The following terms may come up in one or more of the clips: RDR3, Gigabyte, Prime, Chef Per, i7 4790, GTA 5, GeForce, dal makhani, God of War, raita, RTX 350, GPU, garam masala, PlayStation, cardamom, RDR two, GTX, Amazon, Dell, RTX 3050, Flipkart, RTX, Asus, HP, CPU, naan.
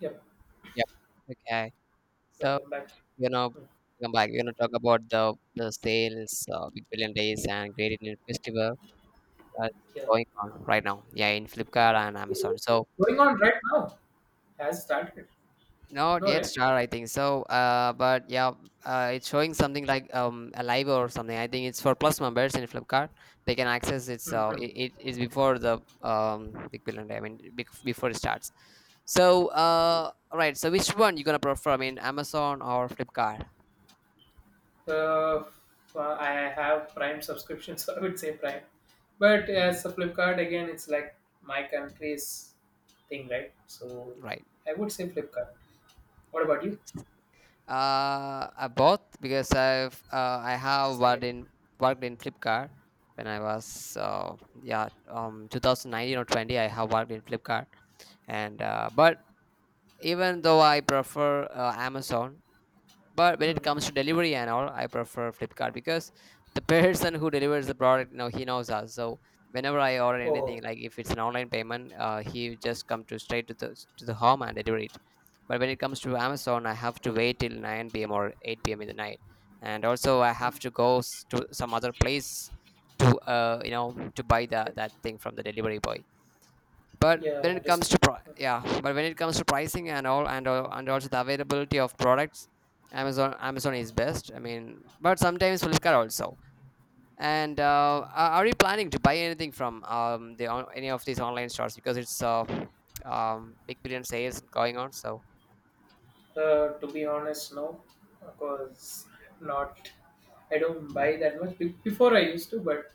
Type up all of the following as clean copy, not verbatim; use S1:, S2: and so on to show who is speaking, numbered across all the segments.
S1: Yep,
S2: Yep. Okay. So,
S1: welcome back.
S2: you know,
S1: Hmm,
S2: come back. We're gonna talk about the sales, Big Billion Days and Great Indian Festival that's
S1: yeah.
S2: going on right now. Yeah, in Flipkart and Amazon. So
S1: Going on right now. Has started.
S2: not
S1: No,
S2: yet
S1: right?
S2: start, I think. So, but yeah, it's showing something like a live or something. I think it's for plus members in Flipkart. They can access it. So it,
S1: Mm-hmm.
S2: it is before the Big Billion Day. I mean, before it starts. So, right. So which one you gonna prefer? I mean, Amazon or Flipkart?
S1: Uh, well, I have Prime subscription, so I would say Prime. But
S2: Hmm,
S1: as a Flipkart, again, it's like my country's thing, right? So
S2: right.
S1: I would say Flipkart. What about you?
S2: Ex- both because I've uh, I have worked
S1: Same.
S2: in worked in Flipkart when I was yeah 2019 or 20. I have worked in Flipkart, and but even though I prefer Amazon, but when it
S1: Hmm.
S2: comes to delivery and all, I prefer Flipkart because the person who delivers the product, he knows us. So whenever I order
S1: Oh,
S2: anything, like if it's an online payment, he just come to straight to the home and deliver it. But when it comes to Amazon, I have to wait till 9 p.m or 8 p.m in the night, and also I have to go to some other place to to buy that thing from the delivery boy. But
S1: yeah,
S2: when
S1: I
S2: it comes to
S1: understand.
S2: yeah, but when it comes to pricing and all, and also the availability of products, Amazon is best, I mean, but sometimes Flipkart also. And are you planning to buy anything from any of these online stores, because it's big billion sales going on, so
S1: To be honest, no, because I'm not. I don't buy that much. Before I used to, but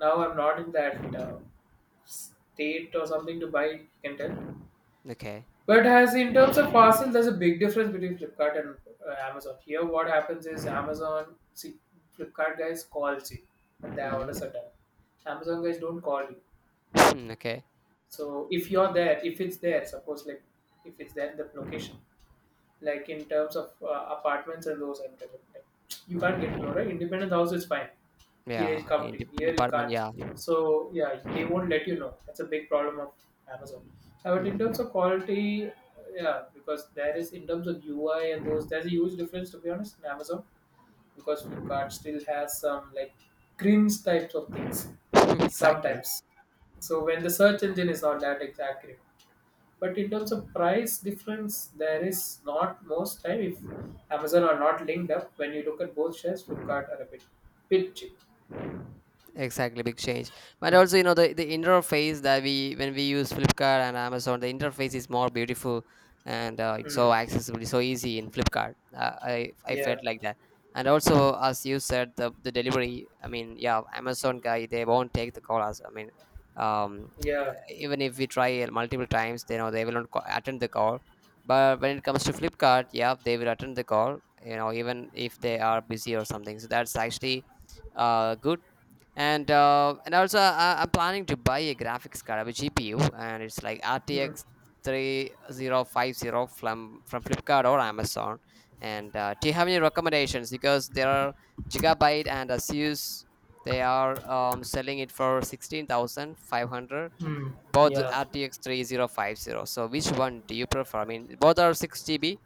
S1: now I'm not in that state or something to buy. You can tell.
S2: okay.
S1: But as in terms of parcel, there's a big difference between Flipkart and Amazon. Here, what happens is Amazon, see, Flipkart guys calls you when their orders are
S2: Mm-hmm.
S1: done. Amazon guys don't call you.
S2: okay.
S1: So if you're there, if it's there, suppose like if it's there in the location, like in terms of apartments and those and everything. Like, you can't get to know, right? Independent house is fine. Here it
S2: Yeah,
S1: come
S2: in,
S1: to you. Here you
S2: department.
S1: can't.
S2: Yeah.
S1: So yeah, they won't let you know. That's a big problem of Amazon. But in terms
S2: Hmm.
S1: of quality, yeah, because there is in terms of UI and those, there's a huge difference to be honest in Amazon because Flipkart still has some like cringe types of things
S2: exactly.
S1: sometimes. So when the search engine is not that exact, accurate, but in terms of price difference there is not most time, if Amazon are not linked up, when you look at both shares, Flipkart are a bit cheap.
S2: Exactly, big change. But
S1: Mm.
S2: also, you know, the interface that we when we use Flipkart and Amazon, the interface is more beautiful, and it's so
S1: Mm.
S2: accessible, so easy in Flipkart. I felt
S1: Yeah,
S2: like that. And also, as you said, the delivery. I mean, yeah, Amazon guy, they won't take the call. As I mean, um,
S1: yeah.
S2: even if we try it multiple times, they know they will not attend the call. But when it comes to Flipkart, yeah, they will attend the call. Even if they are busy or something. So that's actually good. And also I'm planning to buy a graphics card, a GPU, and it's like
S1: Mm.
S2: RTX 3050 from Flipkart or Amazon. And do you have any recommendations, because there are Gigabyte and Asus. They are selling it for 16,500,
S1: Mm.
S2: both the
S1: Yeah,
S2: rtx 3050. So which one do you prefer? I mean, both are 6 GB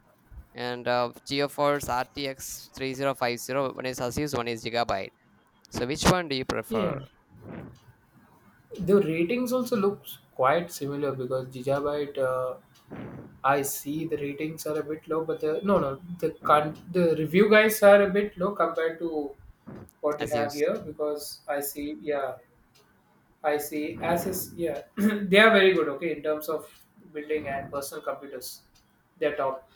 S2: and Geoforce rtx 3050. One is Asus, one is Gigabyte. So which one do you prefer?
S1: yeah, the ratings also looks quite similar because Gigabyte, I see the ratings are a bit low, but the no, no, the review guys are a bit low compared to what you
S2: As
S1: have
S2: used.
S1: here because I see. Yeah, I see. Asus, yeah, they are very good. Okay, in terms of building and personal computers, they're top.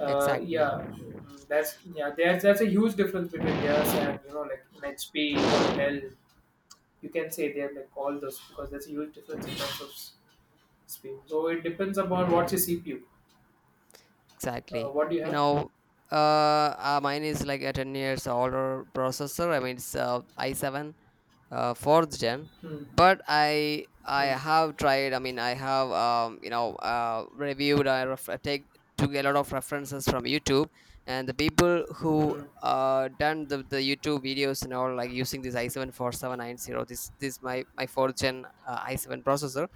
S2: Exactly.
S1: Yeah, that's, yeah. There's That's a huge difference between theirs and like an HP or a Dell. You can say they have like all those because there's a huge difference in terms of speed. So it depends upon what's your CPU.
S2: Exactly.
S1: What do you
S2: you
S1: have?
S2: know Mine is like a 10 years older processor, I mean, it's i7, fourth gen.
S1: Hmm,
S2: But I
S1: hmm,
S2: have tried, I mean I have, reviewed. I ref- I take took a lot of references from YouTube, and the people who
S1: hmm,
S2: done the YouTube videos and all, like using this I 7 4790, this my fourth gen i7 processor.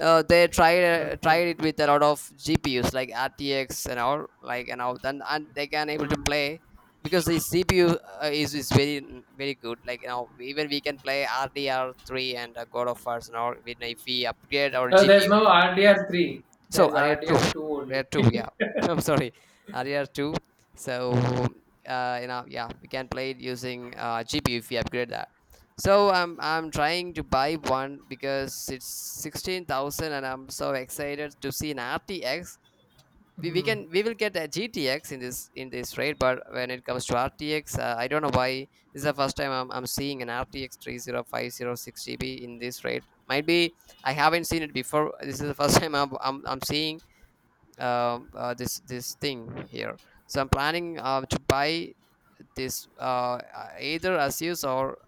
S2: They tried,
S1: hmm, hmm,
S2: it with a lot of GPUs like RTX and all, like and all then, and they can able to
S1: hmm.
S2: play because the CPU is very, very good. Like, even we can play RDR3 and God of Wars and all, when if we upgrade our
S1: No, there's
S2: GPU.
S1: no RDR three.
S2: So
S1: There's RDR two
S2: Ariel
S1: only.
S2: two, yeah. I'm sorry, Ariel two. So yeah, we can play it using GPU if we upgrade that. So I'm trying to buy one because it's 16,000, and I'm so excited to see an RTX. We, we can we will get a GTX in this rate, but when it comes to RTX, I don't know why. This is the first time I'm seeing an RTX 3050 6 GB in this rate. Might be I haven't seen it before. This is the first time I'm seeing, this thing here. So I'm planning to buy this, either Asus or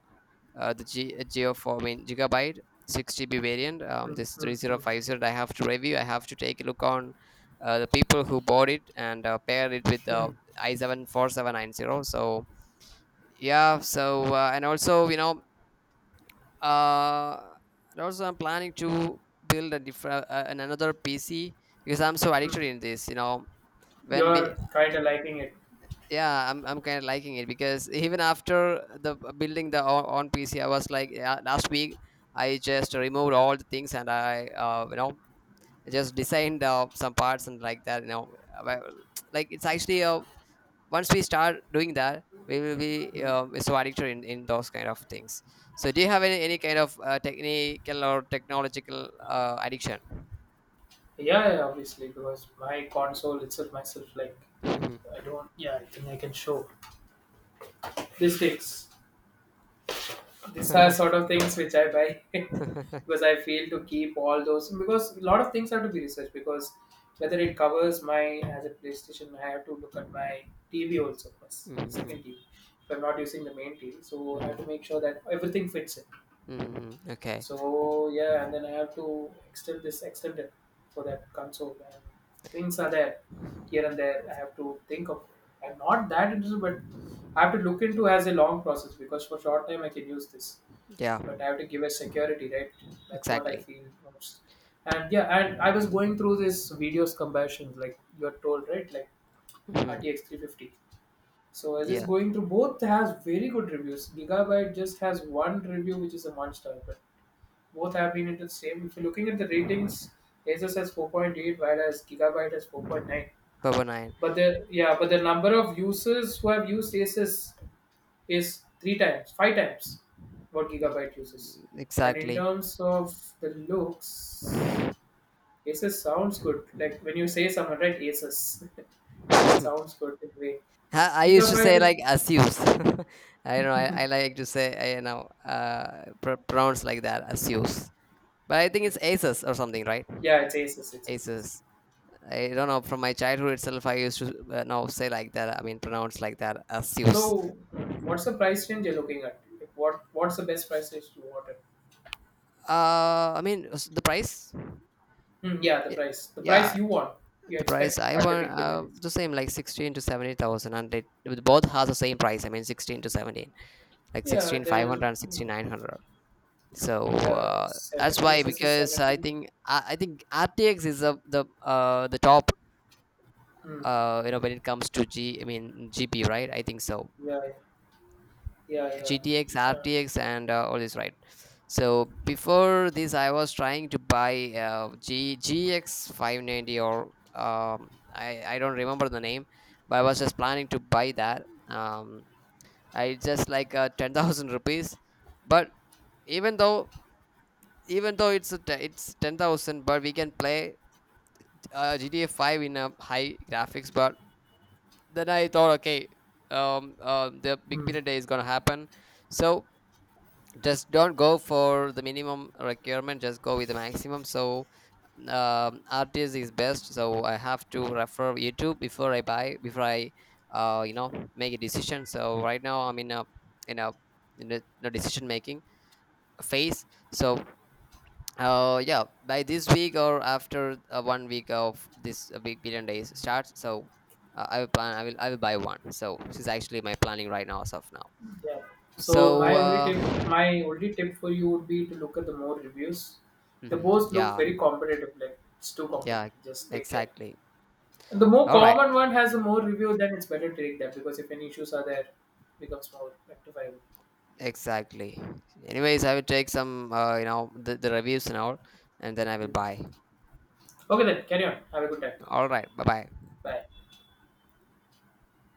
S2: Geo 4. I mean, Gigabyte 6 GB variant.
S1: Hmm,
S2: This
S1: hmm, hmm,
S2: 3050 I have to review. I have to take a look on the people who bought it, and pair it with the
S1: hmm,
S2: i7 4790. So yeah, so and also, uh, and also I'm planning to build a different, another PC, because I'm so
S1: hmm.
S2: addicted in this. You know when we
S1: You're kind of liking it.
S2: Yeah, I'm kind of liking it, because even after the, building the on PC, I was like, yeah, last week I just removed all the things and I, just designed some parts and like that. Well, like, it's actually, once we start doing that we will be
S1: Mm.
S2: so addicted in those kind of things. So do you have any kind of technical or technological addiction?
S1: Yeah, yeah, obviously, because my console itself, myself, like,
S2: Mhm.
S1: I don't, yeah, I think I can show these things. These are sort of things which I buy
S2: Mhm.
S1: because I fail to keep all those. Because a lot of things have to be researched. Because whether it covers my, as a PlayStation, I have to look at my TV also, plus second
S2: Mhm.
S1: TV. If I'm not using the main TV, so I have
S2: Mhm.
S1: to make sure that everything fits in.
S2: Mhm. okay.
S1: So yeah, and then I have to extend this extender for that console. And things are there here and there. I have to think of. I'm not that interested, but I have to look into as a long process because for short time I can use this,
S2: Yeah.
S1: but I have to give a security, right? That's what I
S2: Exactly.
S1: feel most. And yeah, and I was going through this videos comparisons, like you're told, right? Like
S2: Mhm.
S1: RTX 350. So as is
S2: Yeah,
S1: going through, both has very good reviews. Gigabyte just has one review, which is a monster. But both have been into the same. If you're looking at the ratings, Asus has 4.8, whereas Gigabyte has 4.9.
S2: Baba Nine.
S1: But the Yeah, but the number of users who have used Asus is three times, five times what Gigabyte
S2: Ex-
S1: uses. And in
S2: Exactly.
S1: terms of the looks, Asus sounds good. Like when you say someone, right? Asus, that
S2: I
S1: sounds good in a way.
S2: I used to
S1: Gigabyte
S2: say
S1: is
S2: like Asus. I know I like to say, I you know pr- pronounce like that, Asus. But I think it's Asus or something, right?
S1: Yeah, it's Asus, it's Asus.
S2: Asus. I don't know. From my childhood itself, I used to, now say like that. I mean, pronounce like that, Asus.
S1: So, what's the price range you're looking at? Like, what's the best price range you want?
S2: I mean, the price.
S1: Yeah, the
S2: y-
S1: price. The price
S2: Yeah,
S1: you want, you
S2: the price
S1: expect
S2: I
S1: at the
S2: want,
S1: big billion days.
S2: the same like 16 to 70,000, and it both has the same price. I mean, 16 to 17, like
S1: Yeah,
S2: sixteen five
S1: then
S2: hundred and sixteen nine hundred. So
S1: yeah,
S2: uh,
S1: seven
S2: that's why,
S1: SS is
S2: because
S1: 17.
S2: I think RTX is a, the top,
S1: Mm,
S2: when it comes to g I mean GP, right, I think so.
S1: yeah, yeah, yeah.
S2: GTX, RTX, and all this, right. So before this I was trying to buy g 590 or, um, I don't remember the name, but I was just planning to buy that, I just like 10,000 rupees. But even though even though it's it's 10,000, but we can play GTA 5 in a high graphics. But then I thought, okay, the big
S1: Mm,
S2: period day is gonna happen, so just don't go for the minimum requirement, just go with the maximum. So, RTS is best, so I have to refer YouTube before I buy, before I make a decision. So right now I'm in a, in a in a decision making phase. So yeah, by this week or after, one week of this, big billion days starts. So I will plan I will buy one. So this is actually my planning right now, as of now.
S1: yeah. So
S2: So
S1: my only tip for you would be to look at the more reviews. The
S2: mhm,
S1: both look
S2: yeah,
S1: very competitive. Like it's too
S2: yeah,
S1: competitive. Just take care.
S2: exactly,
S1: And the more
S2: all right,
S1: common one has a more review, then it's better to take that because if any issues are there, it becomes more rectifiable.
S2: exactly. Anyways, I will take some, the reviews and all, and then I will buy.
S1: Mm. Okay then, carry on. Have a good time.
S2: All right, bye bye.
S1: Bye.